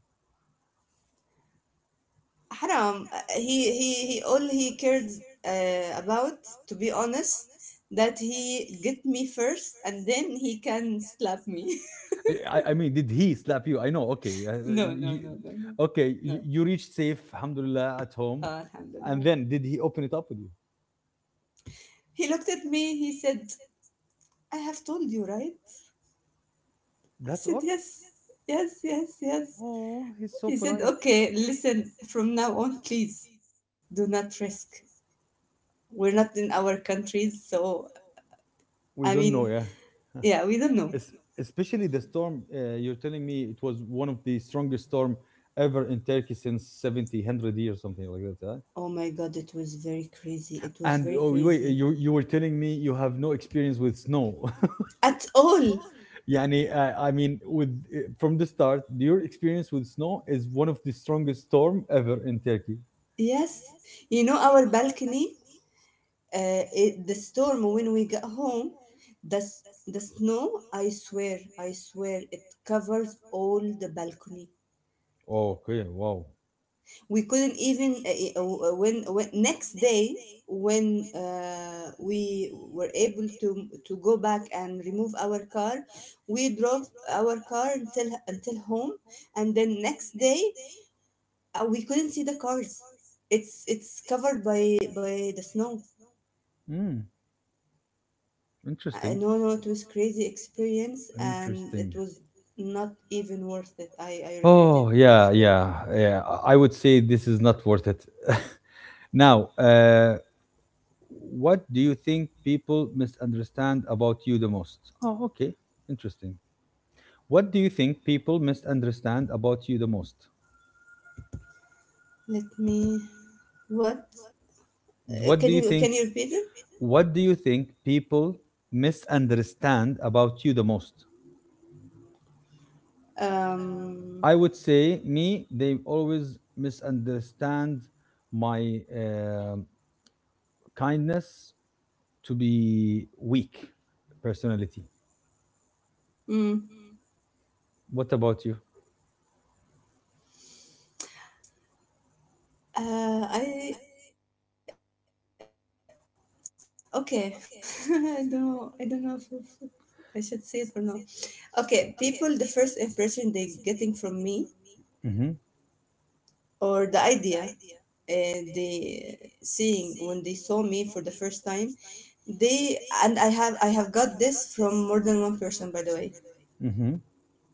Speaker 2: Haram. Uh, He he he all he cared uh, about, to be honest, that he get me first and then he can slap me.
Speaker 1: Eh, I, I mean, did he slap you? I know. Okay, uh, uh,
Speaker 2: No, no,
Speaker 1: you,
Speaker 2: no, no, no.
Speaker 1: okay, you,
Speaker 2: No.
Speaker 1: you reached safe, alhamdulillah, at home,
Speaker 2: Ah,
Speaker 1: and
Speaker 2: alhamdulillah.
Speaker 1: then did he open it up with you?
Speaker 2: He looked at me, he said, I have told you, right? I
Speaker 1: That's
Speaker 2: said,
Speaker 1: all.
Speaker 2: yes, yes, yes, yes.
Speaker 1: Oh, he's so,
Speaker 2: He
Speaker 1: He
Speaker 2: said,
Speaker 1: polite.
Speaker 2: okay, listen, from now on, please do not risk. We're not in our countries. So, I
Speaker 1: We don't
Speaker 2: mean,
Speaker 1: know, yeah.
Speaker 2: yeah, we don't know.
Speaker 1: Es- Especially the storm. Uh, you're telling me it was one of the strongest storm ever in Turkey since seventy, one hundred years, something like that, huh?
Speaker 2: Oh my God, it was very crazy. It was
Speaker 1: And
Speaker 2: very
Speaker 1: oh wait,
Speaker 2: crazy.
Speaker 1: you you were telling me you have no experience with snow.
Speaker 2: At all.
Speaker 1: يعني uh, I mean, with, uh, from the start, your experience with snow is one of the strongest storm ever in Turkey.
Speaker 2: Yes. You know, our balcony, uh, it, the storm when we got home, the, s- the snow, I swear, I swear, it covers all the balcony.
Speaker 1: Okay, wow.
Speaker 2: We couldn't even uh, uh, when, when next day when uh, we were able to to go back and remove our car, we drove our car until until home. And then next day uh, we couldn't see the cars, it's it's covered by by the snow.
Speaker 1: Mm,
Speaker 2: I,
Speaker 1: interesting.
Speaker 2: no no, it was crazy experience, and
Speaker 1: Interesting.
Speaker 2: it was not even worth it. i i regret
Speaker 1: Oh,
Speaker 2: it, I
Speaker 1: yeah,
Speaker 2: swear.
Speaker 1: yeah, yeah. I I would say this is not worth it. Now, uh, what do you think people misunderstand about you the most? Oh, okay, interesting. What do you think people misunderstand about you the most?
Speaker 2: Let me what. Uh,
Speaker 1: What do
Speaker 2: can
Speaker 1: you
Speaker 2: you
Speaker 1: think?
Speaker 2: can you repeat it?
Speaker 1: What do you think people misunderstand about you the most? I
Speaker 2: um
Speaker 1: would say, me. They always misunderstand my, uh, kindness to be weak personality.
Speaker 2: Mm.
Speaker 1: What about you?
Speaker 2: Uh, I okay. I don't know. I don't know if, if I should say it or not. Okay, people. The first impression they getting from me
Speaker 1: Mm-hmm,
Speaker 2: or the idea uh, they seeing when they saw me for the first time. They and I have I have got this from more than one person, by the way,
Speaker 1: mm-hmm.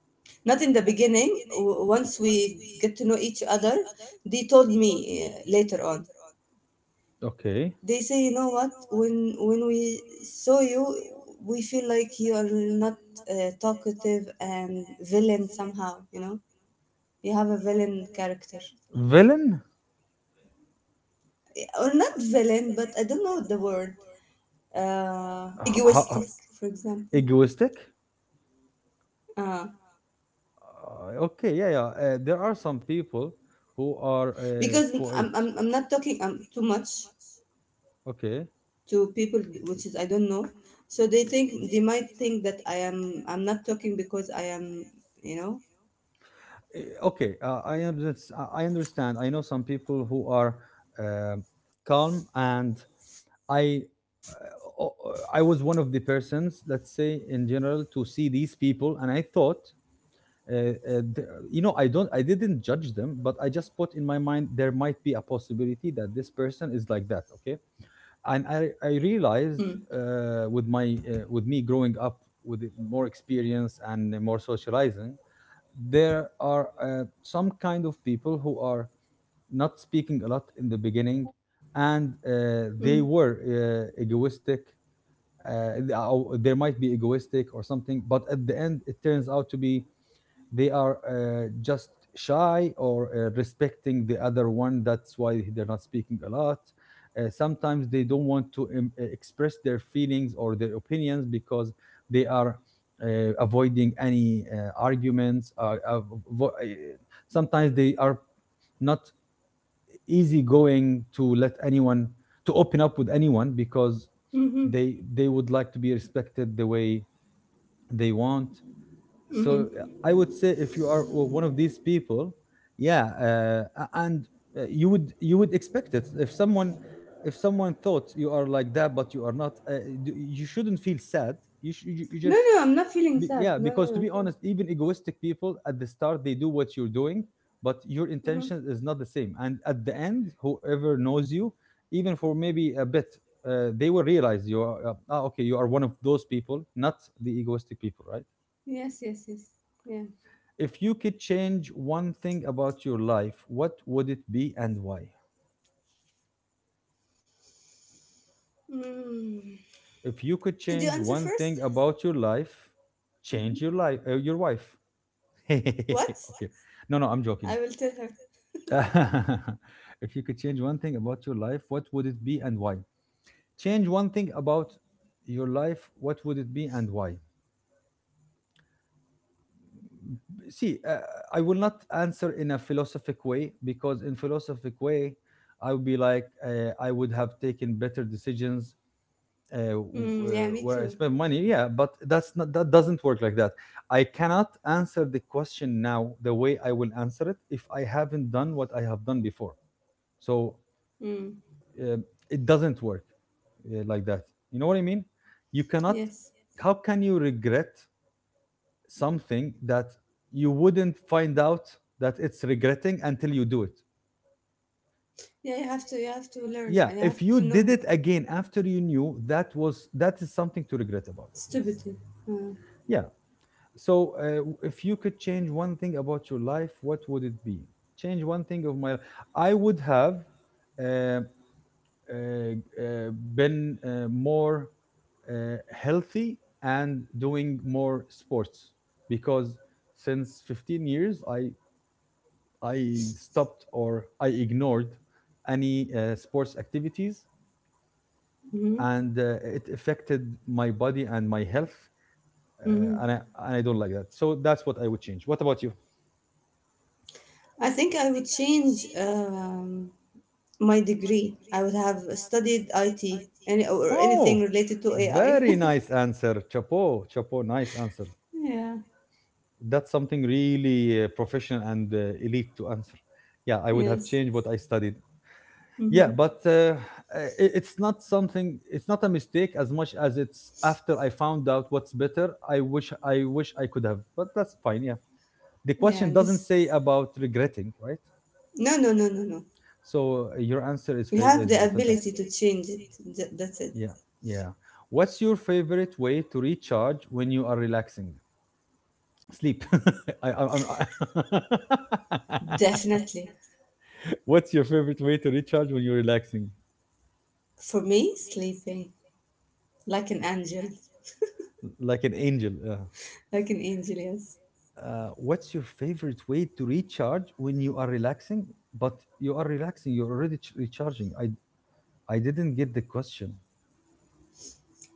Speaker 2: not in the beginning. W- once we get to know each other, they told me uh, later on
Speaker 1: Okay.
Speaker 2: they say you know what, when when we saw you we feel like you are not uh, talkative, and villain somehow, you know, you have a villain character.
Speaker 1: Villain?
Speaker 2: Or not villain, but I don't know the word, uh
Speaker 1: Ho- ho-
Speaker 2: egoistic, for example.
Speaker 1: Egoistic. Egoistic.
Speaker 2: uh
Speaker 1: Uh, okay, yeah, yeah, uh, there are some people who are, uh, again,
Speaker 2: because i'm
Speaker 1: quiet.
Speaker 2: i'm, I'm not talking um, too
Speaker 1: I'm,
Speaker 2: much
Speaker 1: okay.
Speaker 2: to people, which is I don't know. So they think, they might think that i am i'm not talking because I am, you know.
Speaker 1: Eh, okay, uh, i understand. i understand I know some people who are, uh, calm, and i uh, o- o- I was one of the persons, let's say, in general, to see these people, and I thought, uh, uh, th- you know, i don't i didn't judge them, but I just put in my mind there might be a possibility that this person is like that, okay. And i i
Speaker 2: Mm.
Speaker 1: realized, uh, with my uh, with me growing up, with more experience and more socializing, there are, uh, some kind of people who are not speaking a lot in the beginning, and, uh,
Speaker 2: Mm.
Speaker 1: they were, uh, egoistic, uh, th- or there might be egoistic or something, but at the end it turns out to be they are, uh, just shy, or uh, respecting the other one, that's why they're not speaking a lot. Uh, sometimes they don't want to, um, uh, express their feelings or their opinions, because they are, uh, avoiding any, uh, arguments, uh, avo- uh, sometimes they are not easygoing to let anyone, to open up with anyone, because
Speaker 2: Mm-hmm.
Speaker 1: they they would like to be respected the way they want. So,
Speaker 2: Mm-hmm.
Speaker 1: uh, I would say, if you are o- one of these people, yeah, uh, a- and, uh, you would you would expect it, if someone, if someone thought you are like that, but you are not, uh, d- you shouldn't feel sad, you, sh- you you
Speaker 2: No,
Speaker 1: just
Speaker 2: no, I'm not feeling
Speaker 1: be,
Speaker 2: sad.
Speaker 1: yeah,
Speaker 2: No, no,
Speaker 1: because
Speaker 2: no.
Speaker 1: to be
Speaker 2: Okay.
Speaker 1: honest, even egoistic people at the start they do what you're doing, but your
Speaker 2: Uh-huh.
Speaker 1: intention is not the same, and at the end, whoever knows you, even for maybe a bit, uh, they will realize you are, uh, ah, okay, you are one of those people, not the egoistic people, right?
Speaker 2: Yes, yes, yes. Yeah.
Speaker 1: If you could change one thing about your life, what would it be, and why?
Speaker 2: Mm.
Speaker 1: If you could
Speaker 2: Could you
Speaker 1: change
Speaker 2: answer
Speaker 1: one thing
Speaker 2: first?
Speaker 1: about your life,
Speaker 2: Mm-hmm.
Speaker 1: change your life, uh, your wife.
Speaker 2: What?
Speaker 1: Okay. No, no, I'm joking.
Speaker 2: I will tell her.
Speaker 1: If you could change one thing about your life, what would it be and why? Change one thing about your life, what would it be and why? See, uh, I will not answer in a philosophic way, because in philosophic way, I would be like, uh, I would have taken better decisions, uh, w- uh,
Speaker 2: Mm, yeah, me
Speaker 1: where I
Speaker 2: too.
Speaker 1: spend money. Yeah, but that's not, that doesn't work like that. I cannot answer the question now the way I will answer it if I haven't done what I have done before. So,
Speaker 2: Mm,
Speaker 1: um it doesn't work, uh, like that. You know what I mean? You cannot.
Speaker 2: yes.
Speaker 1: How can you regret something that you wouldn't find out that it's regretting until you do it?
Speaker 2: Yeah, you have to, you have to learn
Speaker 1: Yeah,
Speaker 2: and you
Speaker 1: if
Speaker 2: have to
Speaker 1: you
Speaker 2: know.
Speaker 1: did it again after you knew that was, that is something to regret about. Yes.
Speaker 2: Stupidity. Uh,
Speaker 1: Yeah. So, uh, if you could change one thing about your life, what would it be? Change one thing of my, I would have, uh, uh, uh, been, uh, more, uh, healthy and doing more sports, because since fifteen years, I I stopped, or I ignored any, uh, sports activities,
Speaker 2: mm-hmm.
Speaker 1: and, uh, it affected my body and my health, uh,
Speaker 2: Mm-hmm.
Speaker 1: and I, and I don't like that. So that's what I would change. What about you?
Speaker 2: I think I would change um, my degree. I would have studied I T, any, or
Speaker 1: Oh,
Speaker 2: anything related to A I.
Speaker 1: very nice answer. Chapo, chapo, nice answer.
Speaker 2: Yeah.
Speaker 1: That's something really, uh, professional, and, uh, elite to answer. Yeah, I would have
Speaker 2: Yes.
Speaker 1: changed what I studied. Yeah,
Speaker 2: Mm-hmm.
Speaker 1: but, uh, i- it's not something. It's not a mistake as much as it's after I found out what's better. I wish, I wish I could have, but that's fine. Yeah, the
Speaker 2: Yeah,
Speaker 1: question doesn't
Speaker 2: this.
Speaker 1: say about regretting, right?
Speaker 2: No, no, no, no, no.
Speaker 1: So, uh, your answer is
Speaker 2: You
Speaker 1: fa-
Speaker 2: have
Speaker 1: is
Speaker 2: the
Speaker 1: fantastic.
Speaker 2: ability to change it. Th- that's it.
Speaker 1: Yeah, yeah. What's your favorite way to recharge when you are relaxing? Sleep. I, I, I'm, I-
Speaker 2: Definitely.
Speaker 1: what's your favorite way to recharge when you're relaxing?
Speaker 2: For me, sleeping like an angel,
Speaker 1: Like an angel. Uh,
Speaker 2: like an angel. Yes,
Speaker 1: uh, what's your favorite way to recharge when you are relaxing? But you are relaxing. You're already ch- recharging. I I didn't get the question.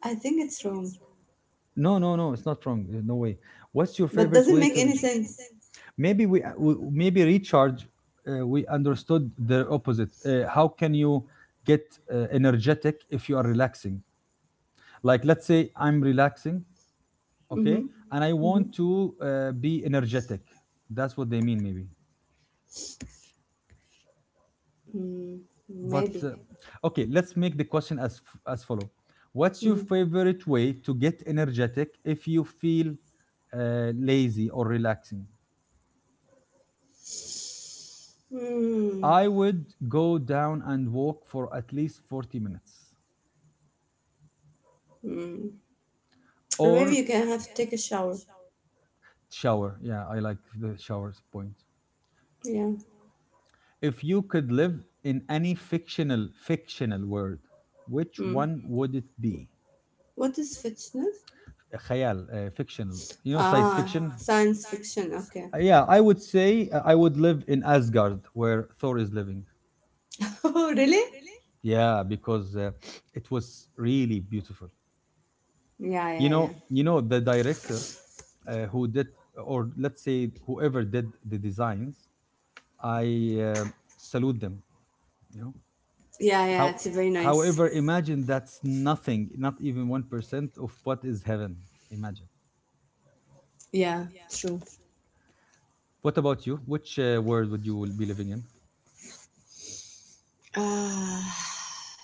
Speaker 2: I think it's wrong,
Speaker 1: No, no, no, it's not wrong. uh, No way. What's your
Speaker 2: but
Speaker 1: favorite
Speaker 2: doesn't
Speaker 1: way
Speaker 2: make
Speaker 1: to
Speaker 2: any
Speaker 1: recharge?
Speaker 2: sense.
Speaker 1: Maybe we, uh, we maybe recharge. Uh, we understood the opposite. Uh, how can you get, uh, energetic if you are relaxing? Like, let's say I'm relaxing,
Speaker 2: Mm-hmm.
Speaker 1: okay, and I
Speaker 2: Mm-hmm.
Speaker 1: want to, uh, be energetic. That's what they mean, maybe.
Speaker 2: Mm,
Speaker 1: But,
Speaker 2: maybe.
Speaker 1: uh, okay, let's make the question as f- as follow. What's your
Speaker 2: Mm-hmm.
Speaker 1: favorite way to get energetic if you feel, uh, lazy or relaxing?
Speaker 2: Mm,
Speaker 1: I would go down and walk for at least forty minutes,
Speaker 2: mm. Or
Speaker 1: or
Speaker 2: maybe
Speaker 1: Or
Speaker 2: you can have to take a shower.
Speaker 1: shower. shower. Yeah, I like the showers point.
Speaker 2: Yeah.
Speaker 1: If you could live in any fictional fictional world, which
Speaker 2: Mm.
Speaker 1: one would it be?
Speaker 2: What is fictional?
Speaker 1: خيال, uh, fictional. You know science
Speaker 2: Ah,
Speaker 1: fiction?
Speaker 2: science fiction. Okay.
Speaker 1: Uh, Yeah, I would say uh, I would live in Asgard where Thor is living.
Speaker 2: Oh, really?
Speaker 1: Yeah, because uh, it was really beautiful.
Speaker 2: Yeah,
Speaker 1: you
Speaker 2: yeah, yeah.
Speaker 1: know you know the director uh, who did, or let's say, whoever did the designs. I uh, salute them, you know
Speaker 2: Yeah, yeah.
Speaker 1: how,
Speaker 2: It's very nice.
Speaker 1: however, imagine that's nothing, not even one percent of what is heaven. Imagine.
Speaker 2: Yeah, true.
Speaker 1: What about you? Which uh, world would you will be living in?
Speaker 2: Ah.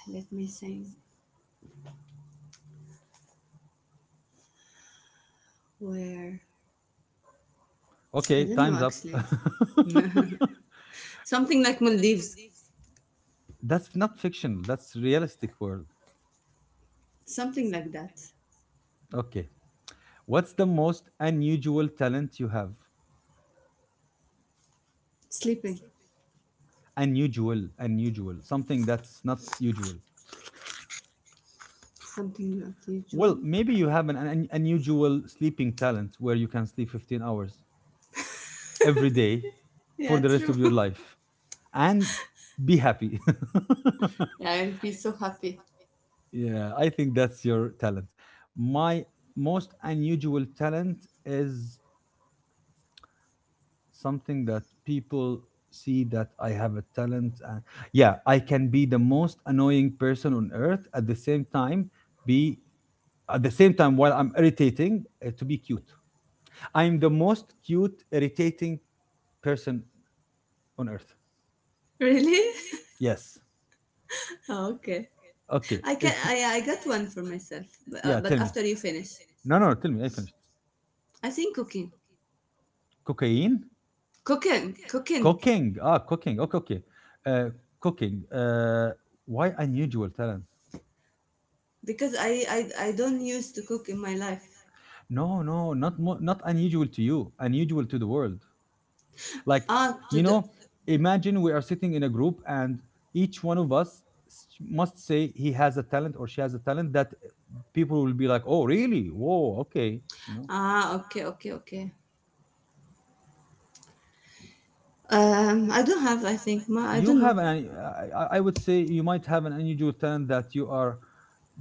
Speaker 2: Let me think. Where? I
Speaker 1: Okay,
Speaker 2: don't know
Speaker 1: time's up.
Speaker 2: actually. Something like Maldives.
Speaker 1: That's not fiction, that's realistic world.
Speaker 2: Something like that.
Speaker 1: Okay, what's the most unusual talent you have?
Speaker 2: Sleeping.
Speaker 1: Unusual unusual something that's not usual.
Speaker 2: Something not
Speaker 1: Well,
Speaker 2: usual.
Speaker 1: maybe you have an, an unusual sleeping talent where you can sleep fifteen hours every day for
Speaker 2: Yeah,
Speaker 1: the rest
Speaker 2: true.
Speaker 1: of your life and s- be happy.
Speaker 2: Yeah, I'll be so happy.
Speaker 1: Yeah, I think that's your talent. My most unusual talent is something that people see that I have a talent. Uh, yeah, I can be the most annoying person on earth. At the same time, be, at the same time while I'm irritating, uh, to be cute. I'm the most cute, irritating person on earth.
Speaker 2: Really?
Speaker 1: Yes.
Speaker 2: Oh, okay.
Speaker 1: Okay.
Speaker 2: I can.
Speaker 1: If y-
Speaker 2: I I got one for myself. But, uh,
Speaker 1: Yeah,
Speaker 2: but
Speaker 1: tell me.
Speaker 2: after you finish,
Speaker 1: No, no, tell me. I finished.
Speaker 2: I think cooking,
Speaker 1: Cocaine,
Speaker 2: cooking, cooking.
Speaker 1: cooking. Ah, cooking. Okay, okay. Uh, cooking. Uh, why unusual talent?
Speaker 2: Because I I I don't used to cook in my life.
Speaker 1: No, no, not mo- not unusual to you. Unusual to the world. Like,
Speaker 2: Ah, to
Speaker 1: you
Speaker 2: do.
Speaker 1: know, imagine we are sitting in a group and each one of us s- must say he has a talent or she has a talent that people will be like, oh, really? Whoa, okay. You know,
Speaker 2: Ah, okay, okay, okay. Um, I don't have. I think. Ma, I
Speaker 1: you
Speaker 2: don't know.
Speaker 1: have an, I, I I would say you might have an unusual talent that you are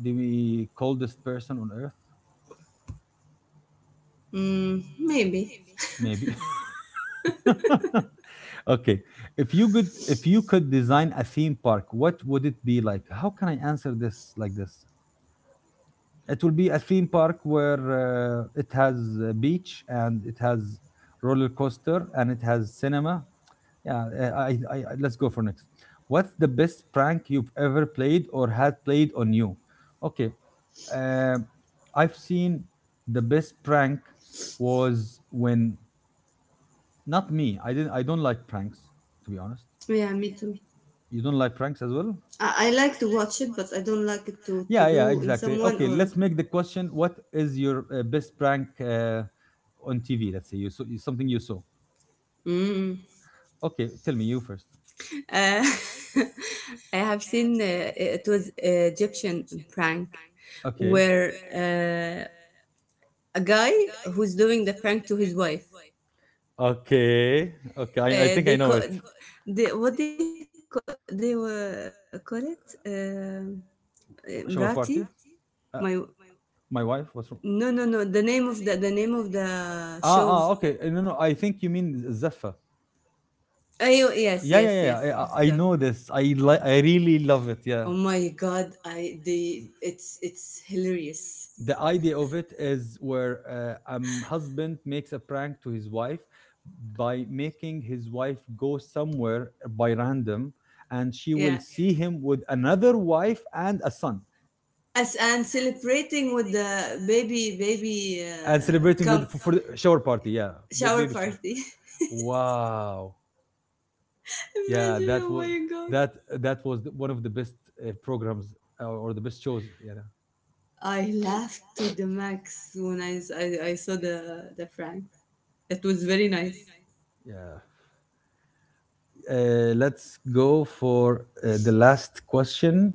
Speaker 1: the coldest person on earth,
Speaker 2: Mm, maybe.
Speaker 1: maybe. Okay. If you could, if you could design a theme park, what would it be like? How can I answer this like this? It will be a theme park where uh, it has a beach and it has roller coaster and it has cinema. Yeah, uh, I, I, I- let's go for next. What's the best prank you've ever played or had played on you? Okay, uh, I've seen the best prank was when, not me. I didn't. I don't like pranks, to be honest.
Speaker 2: Yeah, me too.
Speaker 1: You don't like pranks as well.
Speaker 2: I, I like to watch it, but I don't like it to, to
Speaker 1: Yeah, yeah,
Speaker 2: do in
Speaker 1: exactly.
Speaker 2: someone
Speaker 1: Okay,
Speaker 2: or.
Speaker 1: let's make the question: what is your uh, best prank uh, on T V? Let's say you saw something you saw.
Speaker 2: Mm.
Speaker 1: Okay, tell me you first.
Speaker 2: Uh, I have seen uh, it was Egyptian prank
Speaker 1: Okay,
Speaker 2: where uh, a guy who's doing the prank to his wife.
Speaker 1: okay, okay. I, I think I know
Speaker 2: Uh,
Speaker 1: it.
Speaker 2: they call they what they call they uh, call it uh,
Speaker 1: Shower
Speaker 2: Mrati.
Speaker 1: party. Uh,
Speaker 2: My
Speaker 1: my wife. What's wrong?
Speaker 2: no no no, the name of the the name of the
Speaker 1: Ah,
Speaker 2: show.
Speaker 1: ah, okay. Uh, no, no. I think you mean Zaffa.
Speaker 2: Oh, yes
Speaker 1: Yeah, yeah, yeah,
Speaker 2: yes
Speaker 1: yeah, I,
Speaker 2: yes.
Speaker 1: I I
Speaker 2: So
Speaker 1: know this. I li- I really love it. Yeah.
Speaker 2: oh my god, I the it's it's hilarious.
Speaker 1: The idea of it is where uh, a husband makes a prank to his wife by making his wife go somewhere by random and she will, okay,
Speaker 2: Yeah.
Speaker 1: see, okay, him with another wife and a son
Speaker 2: As and celebrating with the baby baby
Speaker 1: and
Speaker 2: uh,
Speaker 1: celebrating
Speaker 2: come
Speaker 1: with, for, for the shower party, yeah, ba-
Speaker 2: shower
Speaker 1: baby shower.
Speaker 2: party.
Speaker 1: Wow. Yeah,
Speaker 2: Imagine,
Speaker 1: that
Speaker 2: oh
Speaker 1: was,
Speaker 2: my god.
Speaker 1: that that was the- one of the best uh, programs uh, or the best shows, yeah,
Speaker 2: I laughed to the max when I, s- I, I saw the the prank. It was very nice.
Speaker 1: yeah. Uh, let's go for uh, the last question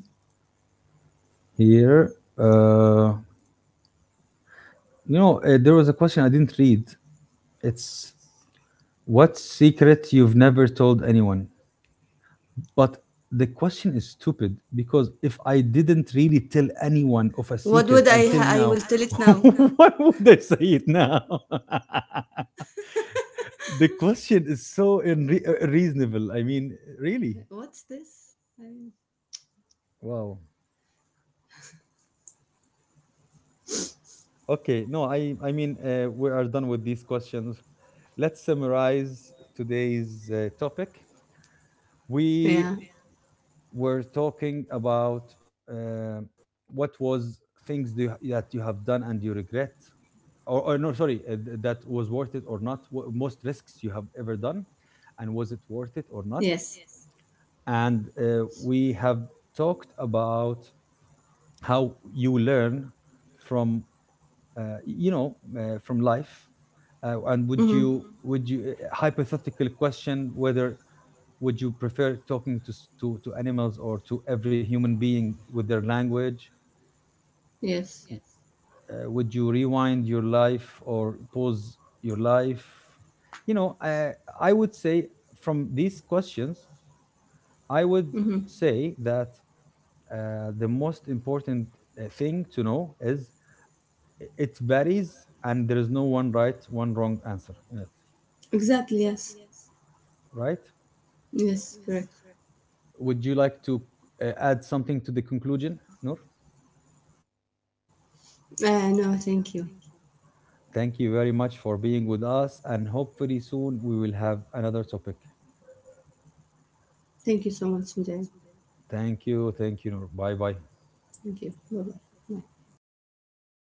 Speaker 1: here. Uh, you know, uh, there was a question I didn't read. It's: what secret you've never told anyone? But the question is stupid, because if I didn't really tell anyone of a
Speaker 2: What
Speaker 1: secret
Speaker 2: would I
Speaker 1: until
Speaker 2: ha- I
Speaker 1: now,
Speaker 2: will tell it now.
Speaker 1: why would I say it now? The question is so unre- uh, reasonable. I mean, really?
Speaker 2: What's this? I,
Speaker 1: Wow. Okay, no, I I mean uh, we are done with these questions. Let's summarize today's uh, topic. We
Speaker 2: yeah.
Speaker 1: were talking about uh, what was, things do you, that you have done and you regret, or, or no, sorry, uh, th- that was worth it or not. wh- Most risks you have ever done, and was it
Speaker 2: Yes.
Speaker 1: worth it or not? And uh, we have talked about how you learn from uh, you know, uh, from life, uh,
Speaker 2: Mm-hmm.
Speaker 1: and would you, would you, uh, hypothetical question, whether would you prefer talking to s- to, to animals or to every human being with their language,
Speaker 2: Yes.
Speaker 1: uh, would you rewind your life or pause your life. You know, I i would say from these questions i would
Speaker 2: Mm-hmm.
Speaker 1: say that uh, the most important uh, thing to know is, i- it varies and there is no one right, one wrong answer in it.
Speaker 2: Exactly. Yes.
Speaker 1: Right?
Speaker 2: Yes. Correct.
Speaker 1: Would you like to uh, add something to the conclusion, Noor?
Speaker 2: Uh, no, thank you.
Speaker 1: Thank you very much for being with us, and hopefully soon we will have another topic.
Speaker 2: Thank you so much, Sanjay.
Speaker 1: Thank you, thank you, Noor.
Speaker 2: Thank
Speaker 1: Bye
Speaker 2: you.
Speaker 1: bye.
Speaker 2: Bye-bye. Bye.